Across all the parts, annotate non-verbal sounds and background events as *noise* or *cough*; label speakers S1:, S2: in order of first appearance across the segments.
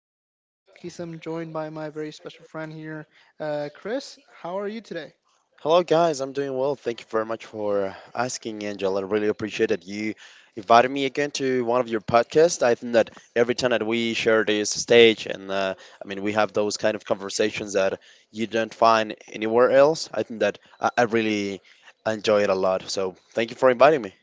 S1: podcast. In this case, I'm joined by my very special friend here, Chris. How are you today?
S2: Hello, guys. I'm doing well. Thank you very much for asking, Angela. I really appreciate that you invited me again to one of your podcasts. I think that every time that we share this stage, we have those kind of conversations that you don't find anywhere else. I think that I really enjoy it a lot. So, thank you for inviting me.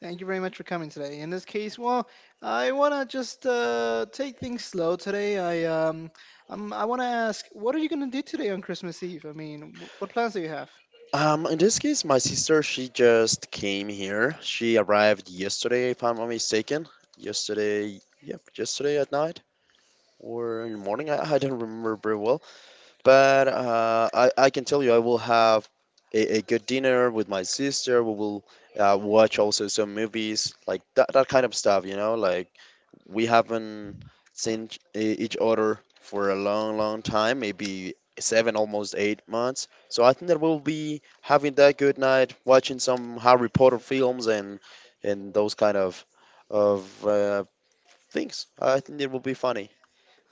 S1: Thank you very much for coming today. In this case, well, I wanna just take things slow today. I wanna ask, what are you gonna do today on Christmas Eve? I mean, what plans do you have?
S2: In this case, my sister, she just came here. She arrived yesterday, if I'm not mistaken. Yesterday, yep, yesterday at night or in the morning. I don't remember very well. But I can tell you, I will have a good dinner with my sister. We will watch also some movies, like that kind of stuff, you know? Like, we haven't seen each other for a long, long time, maybe 7, almost 8 months. So I think that we'll be having that good night, watching some Harry Potter films and those kind of things. I think it will be funny.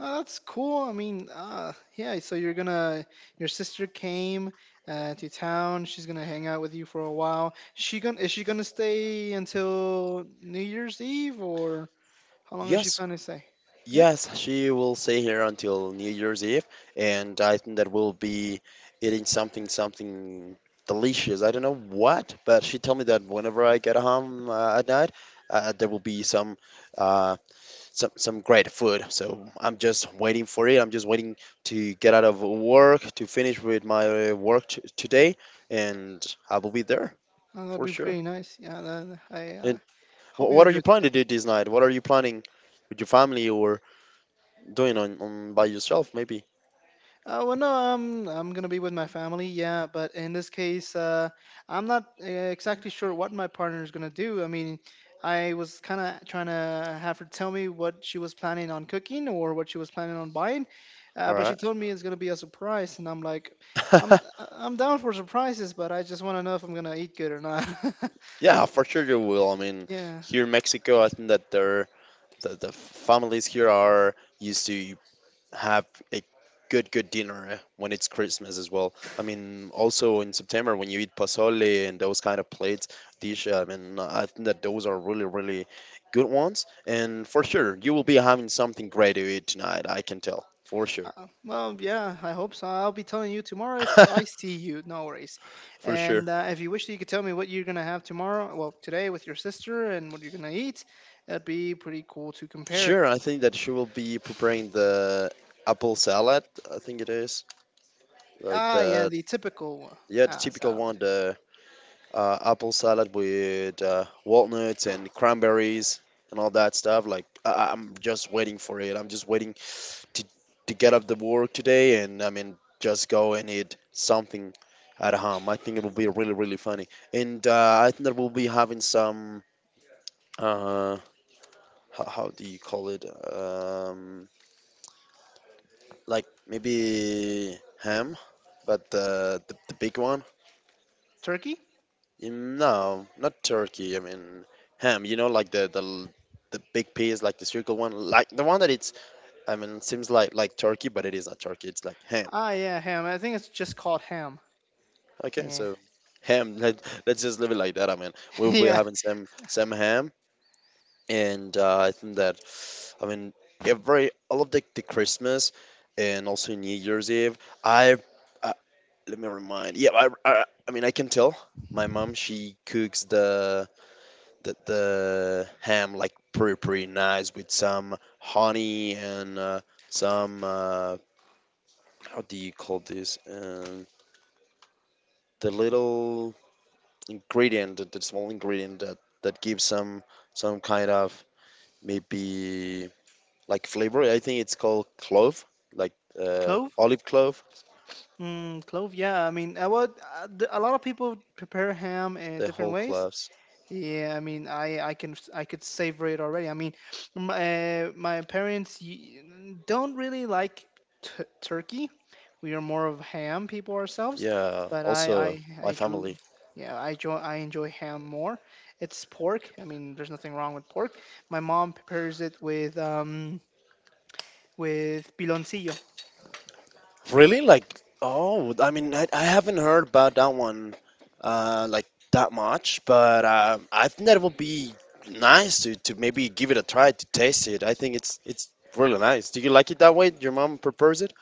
S1: Oh, that's cool. I mean, yeah. So your sister came to town. She's gonna hang out with you for a while. She gonna is she gonna stay until New Year's Eve, or how long is she
S2: Yes,
S1: planning to stay? Yeah,
S2: Yes, she will stay here until New Year's Eve, and I think that we'll be eating something delicious. I don't know what, but she told me that whenever I get home at night, uh, there will be some uh, some some great food. So I'm just waiting for it. I'm just waiting to get out of work to finish with my work t today, and I will be there
S1: oh, that'd
S2: for
S1: be
S2: sure.
S1: pretty nice. Yeah, that, I
S2: And wh
S1: Hope you
S2: what are you
S1: enjoyed.
S2: planning to do this night? What are you planning with your family or doing on by yourself, maybe?
S1: Well, no, I'm gonna be with my family, yeah. But in this case, I'm not exactly sure what my partner is gonna do. I mean, I was kind of trying to have her tell me what she was planning on cooking or what she was planning on buying,
S2: All
S1: but she
S2: right.
S1: told me it's gonna be a surprise, and I'm like, I'm
S2: *laughs*
S1: I'm down for surprises, but I just want to know if I'm gonna eat good or not. *laughs*
S2: Yeah, for sure you will. I mean,
S1: Yeah.
S2: here in Mexico, I think that the families here are used to have a good dinner when it's Christmas as well. I mean, also in September when you eat pozole and those kind of plates dish. I mean, I think that those are really good ones. And for sure, you will be having something great to eat tonight. I can tell for sure.
S1: Well, yeah, I hope so. I'll be telling you tomorrow if I
S2: *laughs*
S1: see you. No worries.
S2: For sure.
S1: And if you wish, you could tell me what you're gonna have tomorrow. Well, today with your sister and what you're gonna eat. That'd be pretty cool to compare.
S2: Sure, I think that she will be preparing the apple salad, I think it is. Like
S1: Ah, yeah,
S2: the
S1: the typical
S2: yeah, the typical
S1: salad.
S2: one, the apple salad with walnuts and cranberries and all that stuff. Like I'm just waiting for it. I'm just waiting to get up the work today and I mean just go and eat something at home. I think it will be really funny. And I think that we'll be having some uh how do you call it, um like maybe ham, but the big one.
S1: Turkey?
S2: No, not turkey. I mean ham. You know, like the big piece, like the circle one, like the one that it's. I mean, seems like turkey, but it is not turkey. It's like ham.
S1: Ah, yeah, ham. I think it's just called ham.
S2: Okay,
S1: Yeah,
S2: so ham. *laughs* Let's just leave it like that. I mean, we'll be
S1: *laughs* yeah.
S2: having some ham, and I think that, I mean, every all of the Christmas, and also New Year's Eve. I, uh, let me remind. Yeah, I mean I can tell. My mom she cooks the ham like pretty nice with some honey and some how do you call this the little ingredient, the small ingredient that that gives some kind of maybe like flavor. I think it's called clove, like,
S1: Clove?
S2: olive clove,
S1: Clove. Yeah, I mean, I would. A lot of people prepare ham in
S2: the
S1: different
S2: whole
S1: ways.
S2: cloves.
S1: Yeah, I mean, I could savor it already. I mean, my parents don't really like t turkey. We are more of ham people ourselves,
S2: Yeah,
S1: but
S2: also my
S1: I do.
S2: family.
S1: Yeah, I enjoy ham more. It's pork. I mean, there's nothing wrong with pork. My mom prepares it with piloncillo.
S2: Really? Like, oh, I mean, I haven't heard about that one, like that much, but I think that would be nice to maybe give it a try, to taste it. I think it's really nice. Do you like it that way? Your mom prepares it?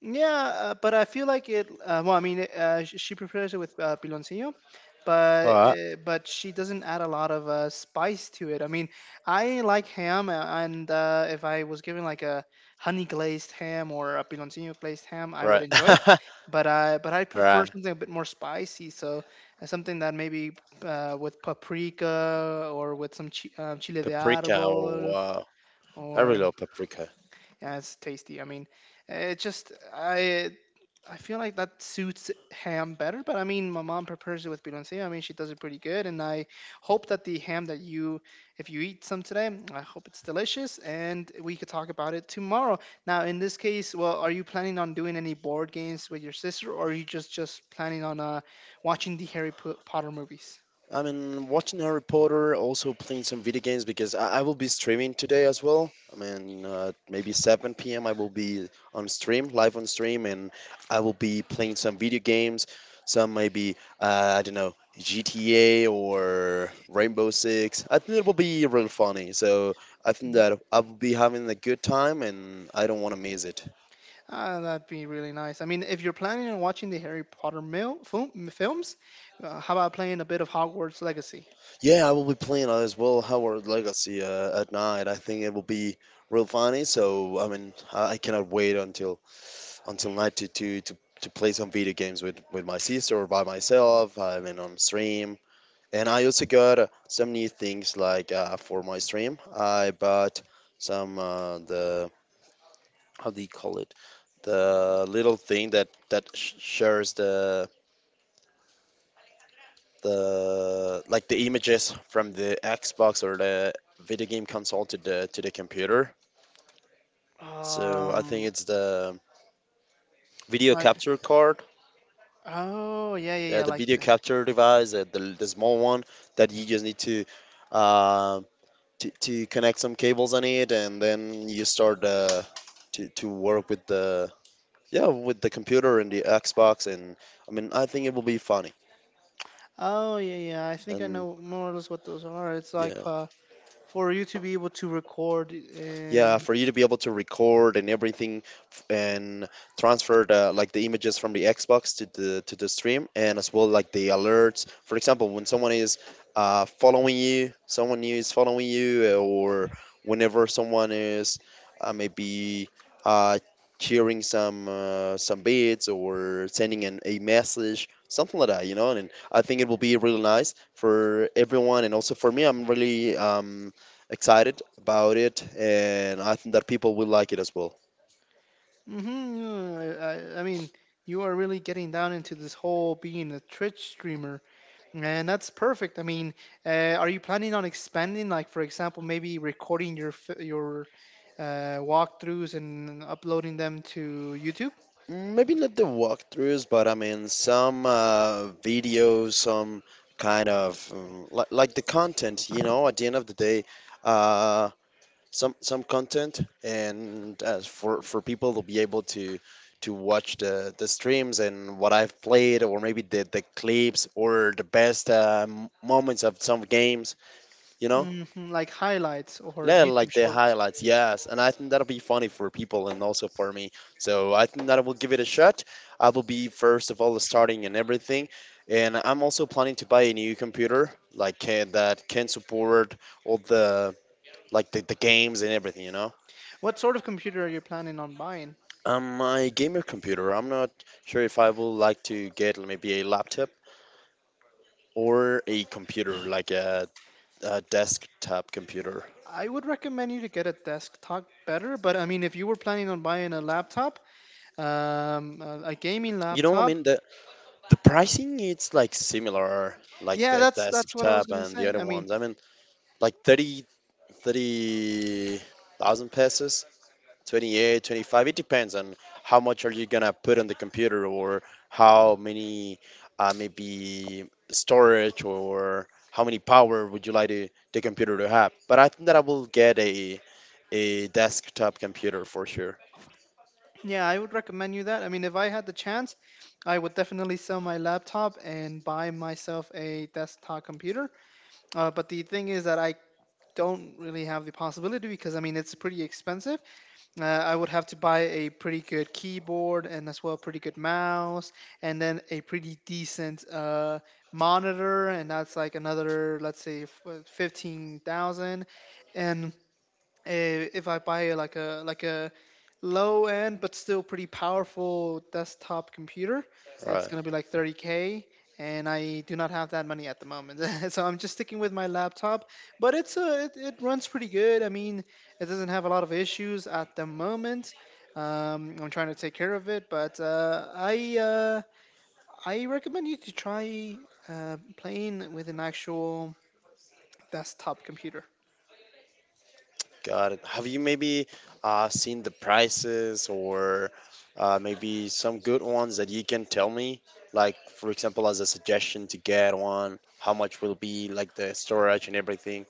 S1: Yeah, but I feel like it. Well, I mean, she prepares it with piloncillo,
S2: All right.
S1: but she doesn't add a lot of spice to it. I mean, I like ham, and if I was given like a honey glazed ham or a piloncillo glazed ham, I would
S2: Right.
S1: enjoy it. But I
S2: *laughs*
S1: prefer
S2: Right.
S1: something a bit more spicy, so something that maybe with paprika or with some chile de
S2: Paprika. Oh,
S1: árbol,
S2: wow, I really
S1: or,
S2: love paprika.
S1: yeah, it's tasty. I mean. It just I feel like that suits ham better, but I mean, my mom prepares it with biloncia. I mean, she does it pretty good, and I hope that the ham that you, if you eat some today, I hope it's delicious, and we could talk about it tomorrow. Now, in this case, well, are you planning on doing any board games with your sister, or are you just planning on watching the Potter movies?
S2: I mean, watching Harry Potter, also playing some video games because I will be streaming today as well. I mean, maybe 7 p.m. I will be on stream, live on stream, and I will be playing some video games, I don't know, GTA or Rainbow Six. I think it will be real funny. So I think
S1: Mhm.
S2: that I will be having a good time and I don't want to miss it.
S1: Ah, that'd be really nice. I mean, if you're planning on watching the Harry Potter films, how about playing a bit of Hogwarts Legacy?
S2: Yeah, I will be playing as well Howard Legacy at night. I think it will be real funny. So I mean, I cannot wait until night to play some video games with my sister or by myself. I mean on stream. And I also got some new things like for my stream. I bought some the how do you call it, the little thing that shares the like the images from the Xbox or the video game console to the computer. So I think
S1: Um,
S2: it's the video
S1: like.
S2: capture card,
S1: Oh yeah, yeah, yeah,
S2: the
S1: like
S2: video
S1: the.
S2: capture device, the small one that you just need uh, to connect some cables on it, and then you start to work with the yeah with the computer and the Xbox, and I mean I think it will be funny,
S1: Oh yeah, yeah. I think I
S2: and
S1: know more or less what those are. It's like
S2: yeah,
S1: for you to be able to record.
S2: yeah,
S1: Um,
S2: for you to be able to record and everything, and transfer the like the images from the Xbox to the stream, and as well like the alerts. For example, when someone is following you, someone new is following you, or whenever someone is maybe uh, cheering some beats or sending a message, something like that, you know. And I think it will be really nice for everyone, and also for me, I'm really excited about it, and I think that people will like it as well.
S1: hmm I, I mean, you are really getting down into this whole being a Twitch streamer, and that's perfect. I mean, are you planning on expanding? Like, for example, maybe recording your your walkthroughs and uploading them to YouTube,
S2: Maybe not the walkthroughs, but I mean some videos, some kind of like the content. You know, at the end of the day, uh, some content, and for people to be able to watch the streams and what I've played, or maybe the clips or the best moments of some games. You know.
S1: hmm, like highlights or
S2: Yeah,
S1: YouTube
S2: like the
S1: Shorts.
S2: highlights, yes. And I think that'll be funny for people and also for me. So I think that I will give it a shot. I will be first of all starting and everything. And I'm also planning to buy a new computer like that can support all the like the games and everything, you know.
S1: What sort of computer are you planning on buying?
S2: My gamer computer. I'm not sure if I will like to get maybe a laptop or a computer like a desktop computer.
S1: I would recommend you to get a desktop better, but I mean, if you were planning on buying a laptop, a gaming
S2: You know what I
S1: laptop,
S2: mean? The pricing it's like similar, like
S1: yeah,
S2: the
S1: that's what I was
S2: desktop
S1: gonna
S2: and the
S1: say.
S2: other
S1: I mean,
S2: ones. I mean, like 30,000 pesos, 28, 25. It depends on how much are you gonna put on the computer or how many maybe storage or how many power would you like to, the computer to have. But I think that I will get a desktop computer for sure.
S1: yeah, I would recommend you that. I mean, if I had the chance, I would definitely sell my laptop and buy myself a desktop computer. But the thing is that I don't really have the possibility because I mean, it's pretty expensive. I would have to buy a pretty good keyboard and as well pretty good mouse and then a pretty decent monitor and that's like another let's say 15,000 and if I buy like a low end but still pretty powerful desktop computer. It's
S2: Right?
S1: gonna be like 30K, and I do not have that money at the moment. *laughs* So I'm just sticking with my laptop, but it runs pretty good. I mean, it doesn't have a lot of issues at the moment. I'm trying to take care of it, but I recommend you to try playing with an actual desktop computer.
S2: Got it. Have you maybe seen the prices or maybe some good ones that you can tell me? Like, for example, as a suggestion to get one, how much will be like the storage and everything?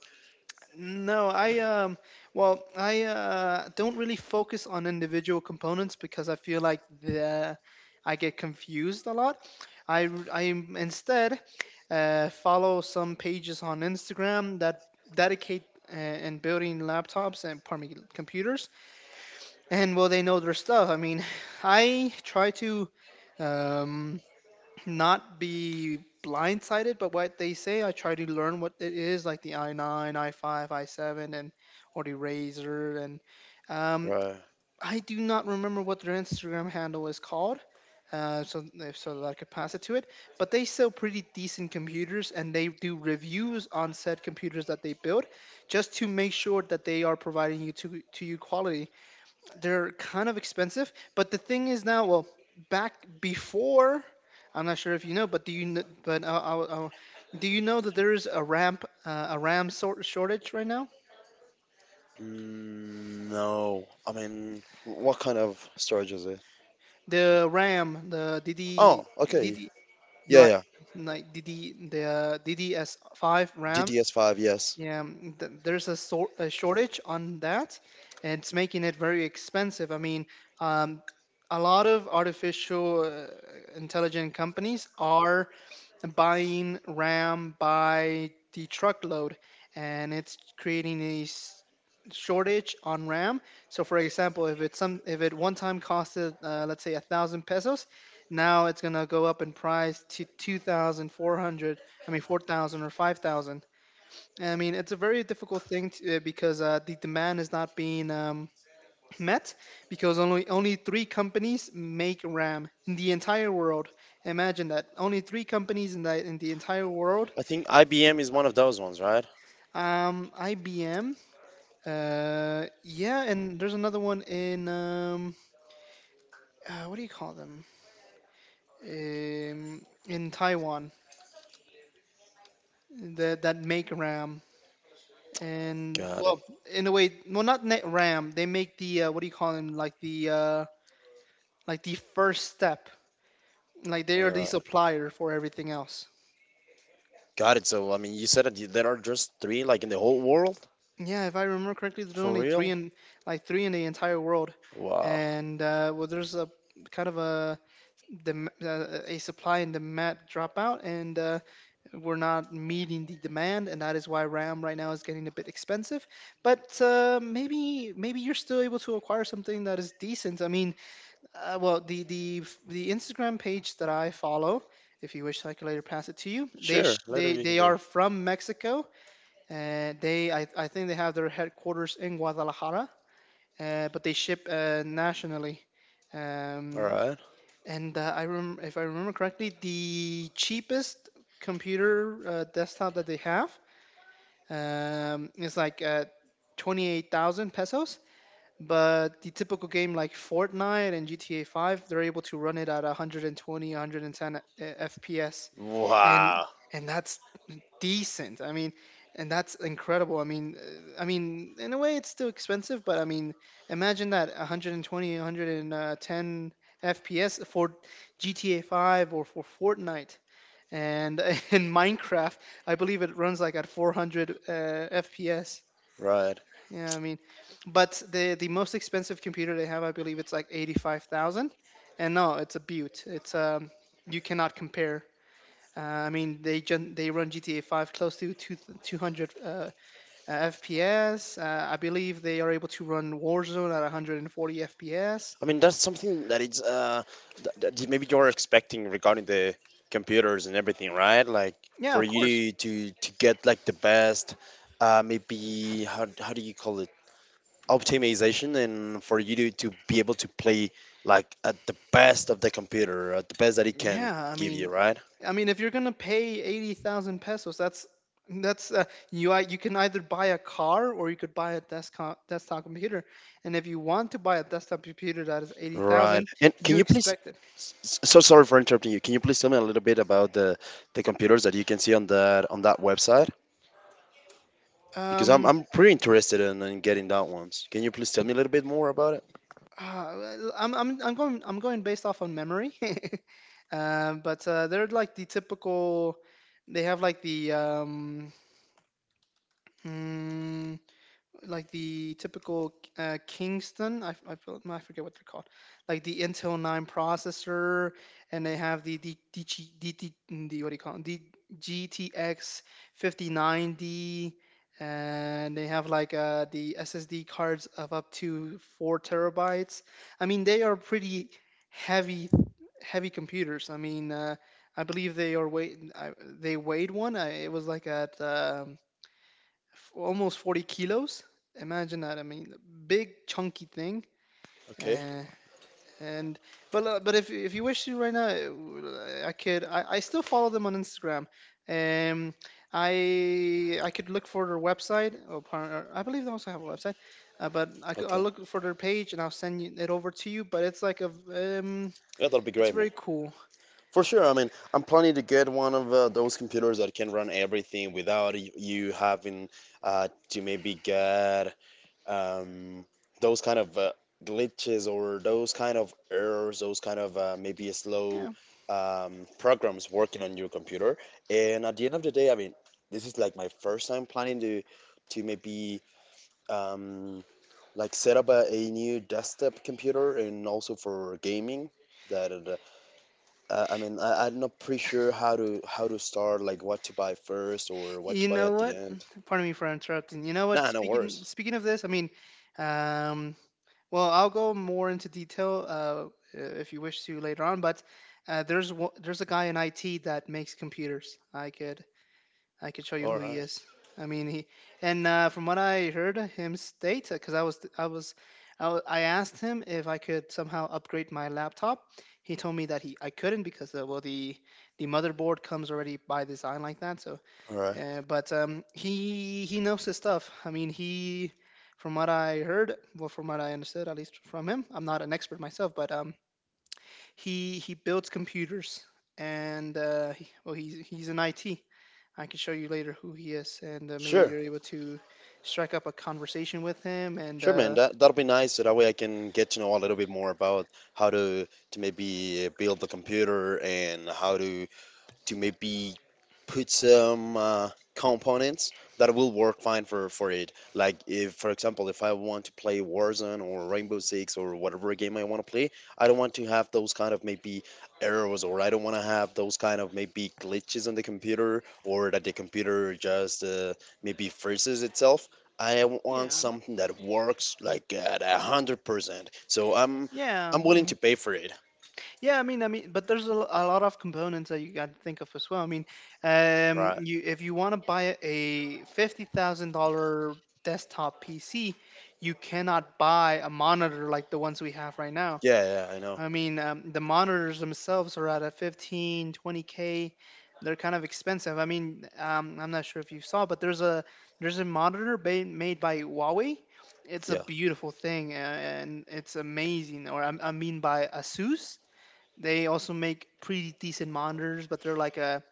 S1: No, I well, I don't really focus on individual components because I feel like the I get confused a lot. I r- I am- Instead follow some pages on Instagram that dedicate uh, and building laptops and pardon me, computers, and well, they know their stuff. I mean, *sighs* I try to um not be blindsided by what they say. I try to learn what it is, like the i9, i5, i7, and or the Razor. And um,
S2: Right.
S1: I do not remember what their Instagram handle is called. So if So that I could pass it to it. But they sell pretty decent computers, and they do reviews on said computers that they build, just to make sure that they are providing you to you quality they're kind of expensive. But the thing is now, well, back before, I'm not sure if you know, but uh, do you know that there is a RAM sort shortage right now?
S2: Mm, no. I mean, what kind of storage is it?
S1: The RAM, the
S2: Oh,
S1: DD
S2: okay.
S1: DD
S2: Yeah,
S1: like
S2: yeah.
S1: like DD the DDS5 RAM.
S2: DDS5, yes.
S1: Yeah, there's a sort a shortage on that, and it's making it very expensive. I mean, um, a lot of artificial intelligent companies are buying RAM by the truckload, and it's creating a shortage on RAM. So, for example, if it one time costed let's say 1,000 pesos, now it's gonna go up in price to two thousand four hundred. I mean, 4,000 or 5,000. I mean, it's a very difficult thing to, because the demand is not being met because only three companies make RAM in the entire world. Imagine that only three companies in the entire world.
S2: I think IBM is one of those ones, right?
S1: IBM. Yeah, and there's another one in what do you call them? In Taiwan that make RAM. And
S2: Got it.
S1: well, in a way, well, not net RAM. They make the what do you call them? Like the first step. Like they
S2: All
S1: are the
S2: right.
S1: supplier for everything else.
S2: Got it. So, I mean, you said that there are just three, like in the whole world?
S1: Yeah, if I remember correctly, there's
S2: For
S1: only three
S2: real?
S1: in like three in the entire world,
S2: Wow.
S1: and well, there's a kind of a a supply and demand dropout, and we're not meeting the demand, and that is why RAM right now is getting a bit expensive. But maybe you're still able to acquire something that is decent. I mean, well, the Instagram page that I follow. If you wish, I can later pass it to you. They sh-
S2: Sure, later
S1: they
S2: you can
S1: they
S2: do.
S1: are from Mexico, I think they have their headquarters in Guadalajara, but they ship nationally.
S2: All
S1: Um,
S2: right.
S1: and if I remember correctly, the cheapest computer desktop that they have is like 28,000 pesos. But the typical game like Fortnite and GTA 5, they're able to run it at 120, 110 FPS, and
S2: Wow.
S1: that's decent. I mean, and that's incredible. I mean, in a way, it's still expensive, but I mean, imagine that 120, 110 FPS for GTA 5 or for Fortnite. And *laughs* in Minecraft, I believe it runs like at 400 FPS.
S2: Right.
S1: Yeah, I mean, but the most expensive computer they have, I believe, it's like 85,000. And no, it's a beaut. It's you cannot compare. Uh, I mean, they run GTA 5 close to 200 FPS. I believe they are able to run Warzone at 140 FPS.
S2: I mean, that's something that it's that maybe you're expecting regarding the computers and everything, right? Like
S1: Yeah,
S2: for
S1: of course.
S2: you to get like the best, maybe how do you call it? Optimization, and for you to be able to play like at the best of the computer, at the best that it can
S1: Yeah, I
S2: give you,
S1: mean,
S2: right?
S1: I mean, if you're gonna pay 80,000 pesos, that's you can either buy a car or you could buy a desktop computer. And if you want to buy a desktop computer that is
S2: Right.
S1: 80,000,
S2: And can
S1: you
S2: you please,
S1: expect it.
S2: so sorry for interrupting you. Can you please tell me a little bit about the computers that you can see on that website? Because I'm
S1: Um,
S2: I'm pretty interested in getting that ones. Can you please tell me a little bit more about it?
S1: Well, I'm going based off on memory. *laughs* But they're like the typical. They have like the mm, like the typical Kingston. I, f- I, feel- no, I forget what they're called, like the Intel 9 processor, and they have the what do you call it? The GTX 5090, and they have like the SSD cards of up to four terabytes. I mean, they are pretty heavy heavy computers. I mean, I believe they are weight. I, They weighed one. It was like at almost 40 kilos. Imagine that. I mean, the big chunky thing.
S2: Okay.
S1: Uh, and but if you wish to right now, I could. I still follow them on Instagram. Um, I could look for their website. Or I believe they also have a website. But I I'll
S2: Okay.
S1: look for their page and I'll send you, it over to you. But it's like
S2: Yeah, that'll be
S1: it's
S2: great, man.
S1: very cool.
S2: For sure. I mean, I'm planning to get one of those computers that can run everything without you having to maybe get um, those kind of glitches or those kind of errors, those kind of maybe
S1: Yeah.
S2: slow programs working on your computer. And at the end of the day, I mean, this is like my first time planning to maybe um, like set up a new desktop computer and also for gaming. That I mean, I'm not pretty sure how to start, like what to buy first or what to
S1: You
S2: buy
S1: know
S2: at the
S1: what?
S2: end.
S1: Pardon me for interrupting. You know what?
S2: Nah, no
S1: Speaking
S2: worries.
S1: speaking of this, I mean, um, well, I'll go more into detail if you wish to later on, but there's one, there's a guy in IT that makes computers. I could show you
S2: All
S1: who he
S2: right,
S1: is. I mean he, and from what I heard him state, because I asked him if I could somehow upgrade my laptop. He told me that he I couldn't because well the motherboard comes already by design like that, so
S2: all right,
S1: but he knows his stuff. From what I heard, well, from what I understood, at least from him, I'm not an expert myself, but he builds computers, and he's an IT. I can show you later who he is, and maybe
S2: sure.
S1: you're able to strike up a conversation with him. And
S2: Sure, man. That'll be nice. So that way I can get to know a little bit more about how to maybe build the computer and how to maybe put some components that will work fine for it. Like if, for example, if I want to play Warzone or Rainbow Six or whatever game I want to play, I don't want to have those kind of maybe errors, or I don't want to have those kind of maybe glitches on the computer, or that the computer just maybe freezes itself. I want
S1: yeah,
S2: something that works like at 100%. So I'm
S1: yeah,
S2: I'm
S1: I
S2: willing to pay for it.
S1: Yeah, I mean, but there's a lot of components that you got to think of as well. I mean,
S2: Right.
S1: you if you want to buy a $50,000 desktop PC, you cannot buy a monitor like the ones we have right now.
S2: Yeah, yeah, I know.
S1: I mean, the monitors themselves are at a 15-20k k. They're kind of expensive. I mean, I'm not sure if you saw, but there's a monitor made by Huawei. It's a
S2: Yeah.
S1: beautiful thing, and it's amazing. Or I mean by Asus. They also make pretty decent monitors, but they're like a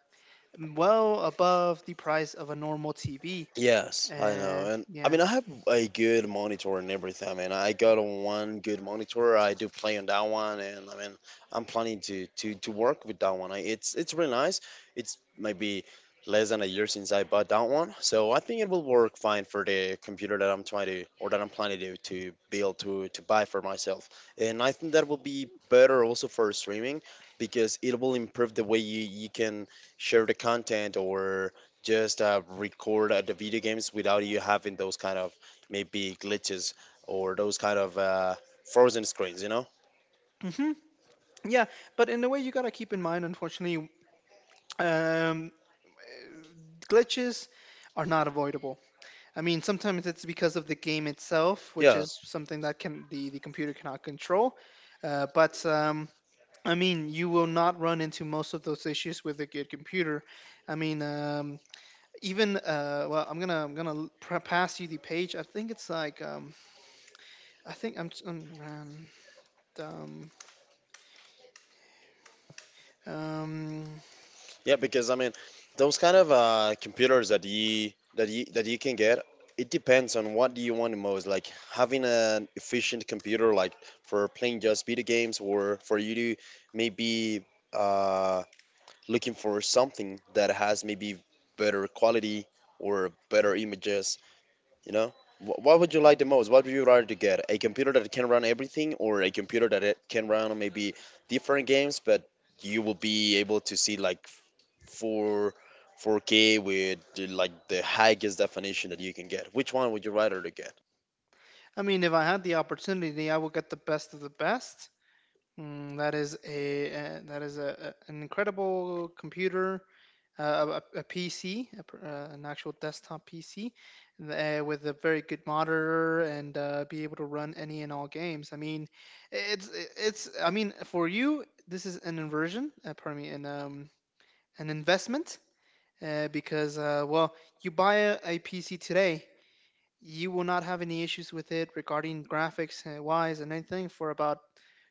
S1: well above the price of a normal TV.
S2: Yes, I know.
S1: And
S2: And I
S1: yeah,
S2: mean, I have a good monitor and everything. I mean, I got one good monitor. I do play on that one, and I mean, I'm planning to to work with that one. I, it's really nice. It's maybe less than a year since I bought that one, so I think it will work fine for the computer that I'm trying to, or that I'm planning to build to buy for myself. And I think that will be better also for streaming because it will improve the way you can share the content, or just record the video games without you having those kind of maybe glitches or those kind of frozen screens, you know?
S1: hmm yeah. But in a way, you gotta keep in mind, unfortunately, um, glitches are not avoidable. I mean, sometimes it's because of the game itself, which
S2: Yeah,
S1: is something that can the computer cannot control. But I mean, you will not run into most of those issues with a good computer. I mean, even well pass you the page. I think it's like I'm random. um
S2: yeah, because I mean, those kind of computers that you can get, it depends on what do you want the most. Like having an efficient computer, like for playing just video games, or for you to maybe uh, looking for something that has maybe better quality or better images, you know. What would you like the most? What would you rather to get? A computer that can run everything, or a computer that it can run maybe different games, but you will be able to see like four 4K with the, like the highest definition that you can get. Which one would you rather to get?
S1: I mean if I had the opportunity I would get the best of the best. That is a that is an incredible computer, a PC, an actual desktop PC, with a very good monitor and be able to run any and all games. I mean, it's it's. I mean, for you, this is an inversion. Pardon me, an investment. Because well, you buy a PC today, you will not have any issues with it regarding graphics wise and anything for about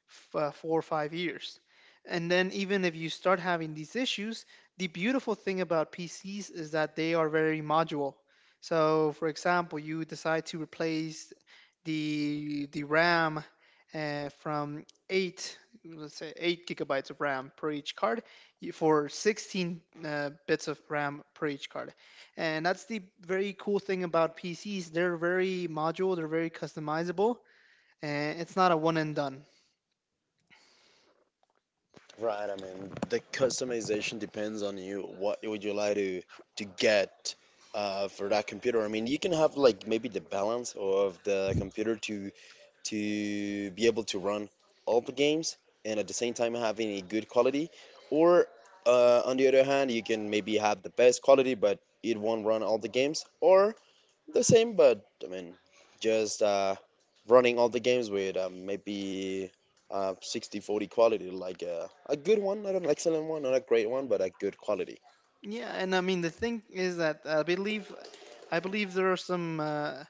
S1: 4 or 5 years. And then, even if you start having these issues, the beautiful thing about PCs is that they are very modular. So, for example, you decide to replace the RAM from eight, let's say 8 gigabytes of RAM per each card, for 16 bits of RAM per each card. And that's the very cool thing about PCs. They're very modular. They're very customizable, and it's not a one and done.
S2: Right. I mean, the customization depends on you. What would you like to get? For that computer, I mean, you can have like maybe the balance of the computer to be able to run all the games and at the same time having a good quality. Or on the other hand, you can maybe have the best quality, but it won't run all the games. Or the same, but I mean, just running all the games with maybe 60 40 quality, like a good one, not an excellent one, not a great one, but a good quality.
S1: Yeah, and I mean the thing is that I believe there are some uh,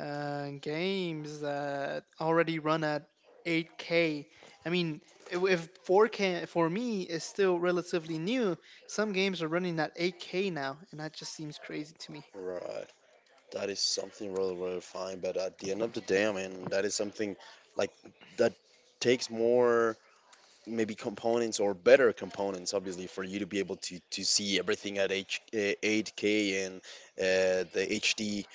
S1: uh, games that already run at 8K. I mean, if 4K for me is still relatively new, some games are running at 8K now, and that just seems crazy to me.
S2: Right. That is something really, really fine. But at the end of the day, I mean, that is something like that takes more maybe components or better components, obviously, for you to be able to see everything at 8K, and the hd,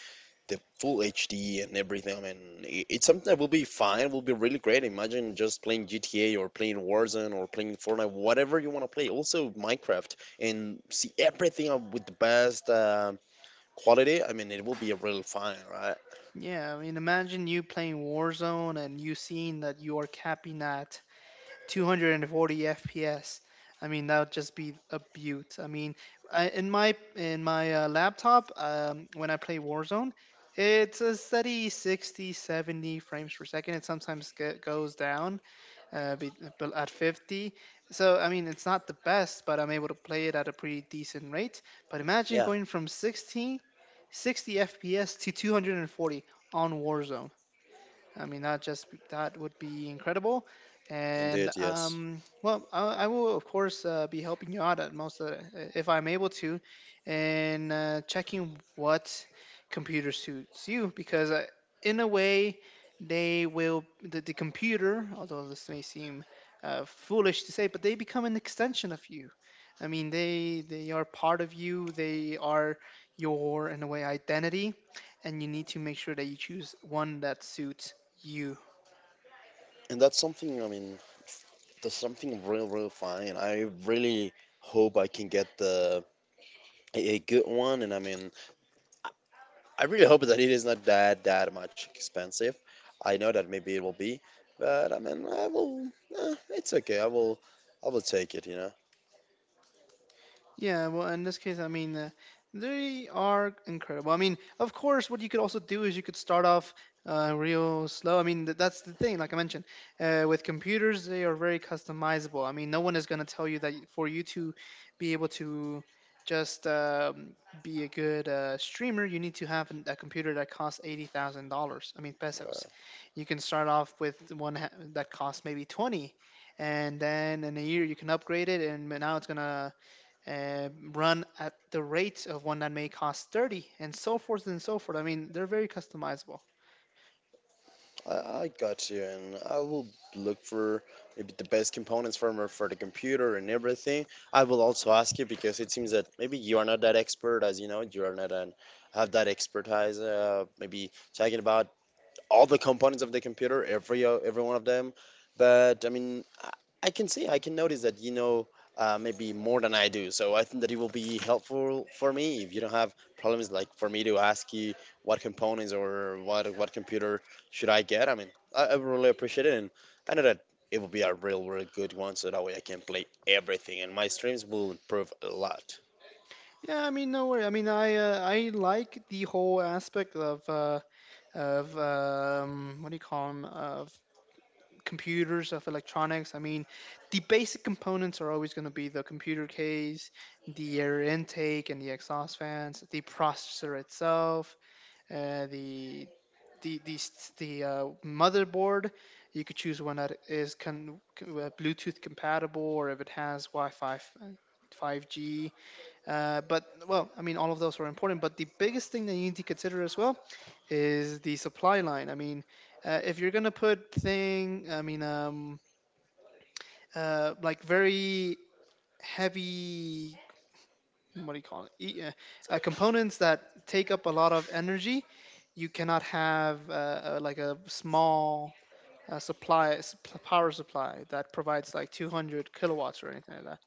S2: the full hd, and everything. I mean, I- it's something that will be fine, will be really great. Imagine just playing gta or playing warzone or playing fortnite, whatever you want to play, also minecraft, and see everything up with the best quality. I mean, it will be really fine, right?
S1: Yeah, I mean, imagine you playing Warzone and you seeing that you are capping at 240 FPS. I mean, that would just be a beaut. I mean, in my laptop, when I play Warzone, it's a steady 60, 70 frames per second. It sometimes goes down uh, be, but at 50. So, I mean, it's not the best, but I'm able to play it at a pretty decent rate. But imagine
S2: Yeah,
S1: going from 16, 60 FPS to 240 on Warzone. I mean, that just that would be incredible. And
S2: indeed, yes.
S1: well, I will of course be helping you out at most of the, if I'm able to, and checking what computer suits you because in a way they will the computer, although this may seem foolish to say, but they become an extension of you. I mean, they are part of you. They are your in a way identity and you need to make sure that you choose one that suits you.
S2: And that's something. I mean, there's something real, real fine. I really hope I can get the a good one, and I mean, I really hope that it is not that much expensive. I know that maybe it will be, but I mean, I will. Eh, it's okay. I will. I will take it, you know.
S1: Yeah, well, in this case, I mean, they are incredible. I mean, of course, what you could also do is you could start off real slow. I mean, that's the thing, like I mentioned, with computers, they are very customizable. I mean, no one is going to tell you that for you to be able to just be a good streamer, you need to have a computer that costs $80,000, I mean, pesos.
S2: Right.
S1: You can start off with one that costs maybe 20 and then in a year you can upgrade it and now it's gonna run at the rate of one that may cost 30 and so forth and so forth. I mean, they're very customizable.
S2: I, I got you, and I will look for maybe the best components for for the computer and everything. I will also ask you because it seems that maybe you are not that expert, as you know, you are not an have that expertise. Maybe talking about all the components of the computer, every one of them. But I mean, I can see, I can notice that you know maybe more than I do. So I think that it will be helpful for me, if you don't have problems, like for me to ask you what components or what computer should I get. I mean, I really appreciate it, and I know that it will be a real, real good one. So that way I can play everything, and my streams will improve a lot.
S1: Yeah, I mean, no worry. I mean, I like the whole aspect of what do you call them, of computers, of electronics. I mean, the basic components are always going to be the computer case, the air intake and the exhaust fans, the processor itself, uh, the the the the motherboard. You could choose one that is Bluetooth compatible, or if it has Wi-Fi, 5G, but well, I mean, all of those are important. But the biggest thing that you need to consider as well is the supply line. I mean, if you're gonna put thing, like very heavy, what do you call it? Components that take up a lot of energy. You cannot have like a small supply power supply that provides like 200 kilowatts or anything like that.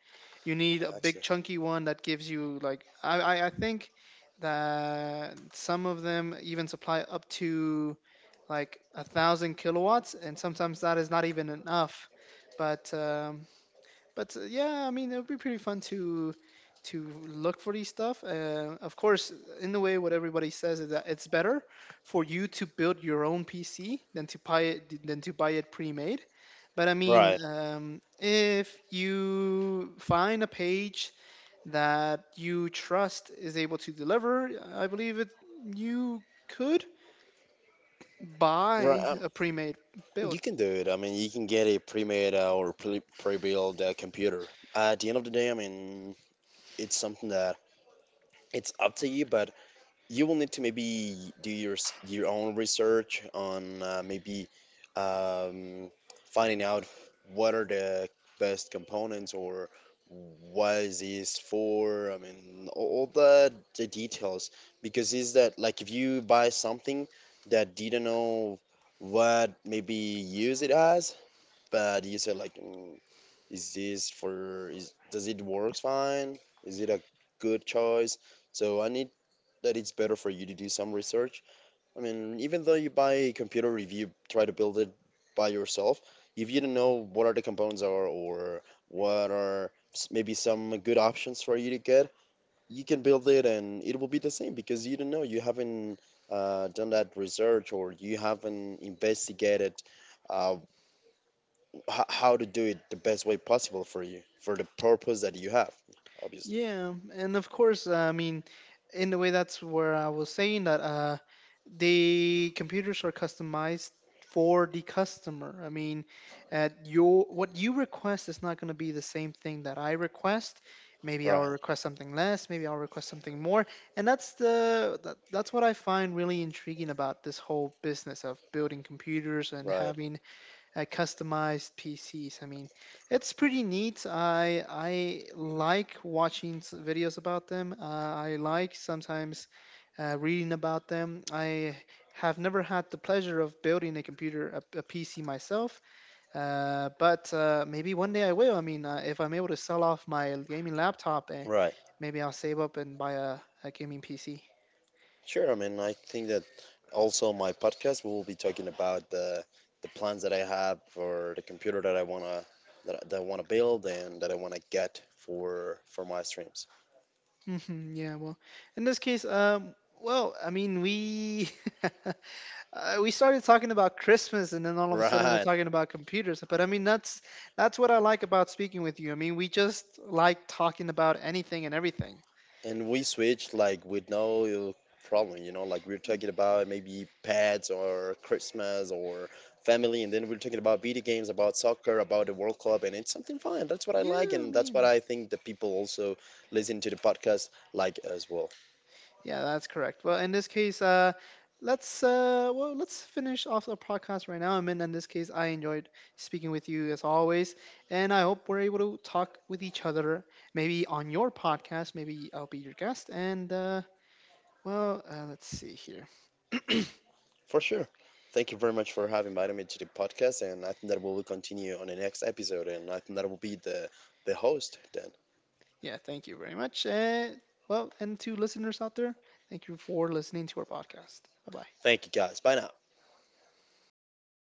S1: You need a
S2: Gotcha.
S1: big chunky one that gives you like I think that some of them even supply up to like 1,000 kilowatts, and sometimes that is not even enough. But um, but yeah, I mean, it would be pretty fun to look for these stuff. Of course, in a way, what everybody says is that it's better for you to build your own PC than to buy it, pre-made. But I mean,
S2: Right.
S1: if you find a page that you trust is able to deliver, I believe it you could
S2: Right.
S1: buy a pre-made build.
S2: You can do it. I mean, you can get a pre-made or pre-built computer. At the end of the day, I mean, it's something that it's up to you, but you will need to maybe do your own research on maybe um, finding out what are the best components or what is this for. I mean, all the details, because is that like if you buy something that didn't know what maybe use it as, but you said like is this for, is, does it work fine, is it a good choice. So I need that it's better for you to do some research. I mean, even though you buy a computer review, try to build it by yourself. If you don't know what are the components are, or what are maybe some good options for you to get, you can build it and it will be the same, because you don't know, you haven't done that research, or you haven't investigated uh, how to do it the best way possible for you, for the purpose that you have, obviously.
S1: Yeah, and of course, I mean, in the way that's where I was saying that the computers are customized for the customer. I mean, at your what you request is not going to be the same thing that I request. Maybe I'll
S2: Right,
S1: request something less. Maybe I'll request something more. And that's what I find really intriguing about this whole business of building computers and
S2: right,
S1: having customized PCs. I mean, it's pretty neat. I like watching videos about them. I like sometimes reading about them. I have never had the pleasure of building a computer, PC myself, but maybe one day I will. I mean, if I'm able to sell off my gaming laptop, eh,
S2: right,
S1: maybe I'll save up and buy a gaming PC.
S2: sure. I mean, I think that also my podcast, we will be talking about the plans that I have for the computer that I want to that I want to build and that I want to get for my streams.
S1: *laughs* Yeah, well, in this case, well, I mean, we *laughs* we started talking about Christmas, and then
S2: *laughs*
S1: all of a sudden we're
S2: Right.
S1: talking about computers. But I mean, that's what I like about speaking with you. I mean, we just like talking about anything and everything.
S2: And we switched like with no problem, you know, like we are talking about maybe pets or Christmas or family, and then we are talking about video games, about soccer, about the World Cup, and it's something fun. That's what I like,
S1: Yeah, I
S2: and that's what
S1: mean,
S2: I think the people also listen to the podcast like as well.
S1: yeah, that's correct. Well, in this case, let's well, let's finish off the podcast right now. I mean, in this case, I enjoyed speaking with you as always, and I hope we're able to talk with each other, maybe on your podcast. Maybe I'll be your guest, and well, let's see here. *clears throat*
S2: For sure. Thank you very much for having invited me to the podcast, and I think that we will continue on the next episode, and I think that will be the host then.
S1: Yeah, thank you very much. And well, and to listeners out there, thank you for listening to our podcast. Bye bye.
S2: Thank you guys. Bye now.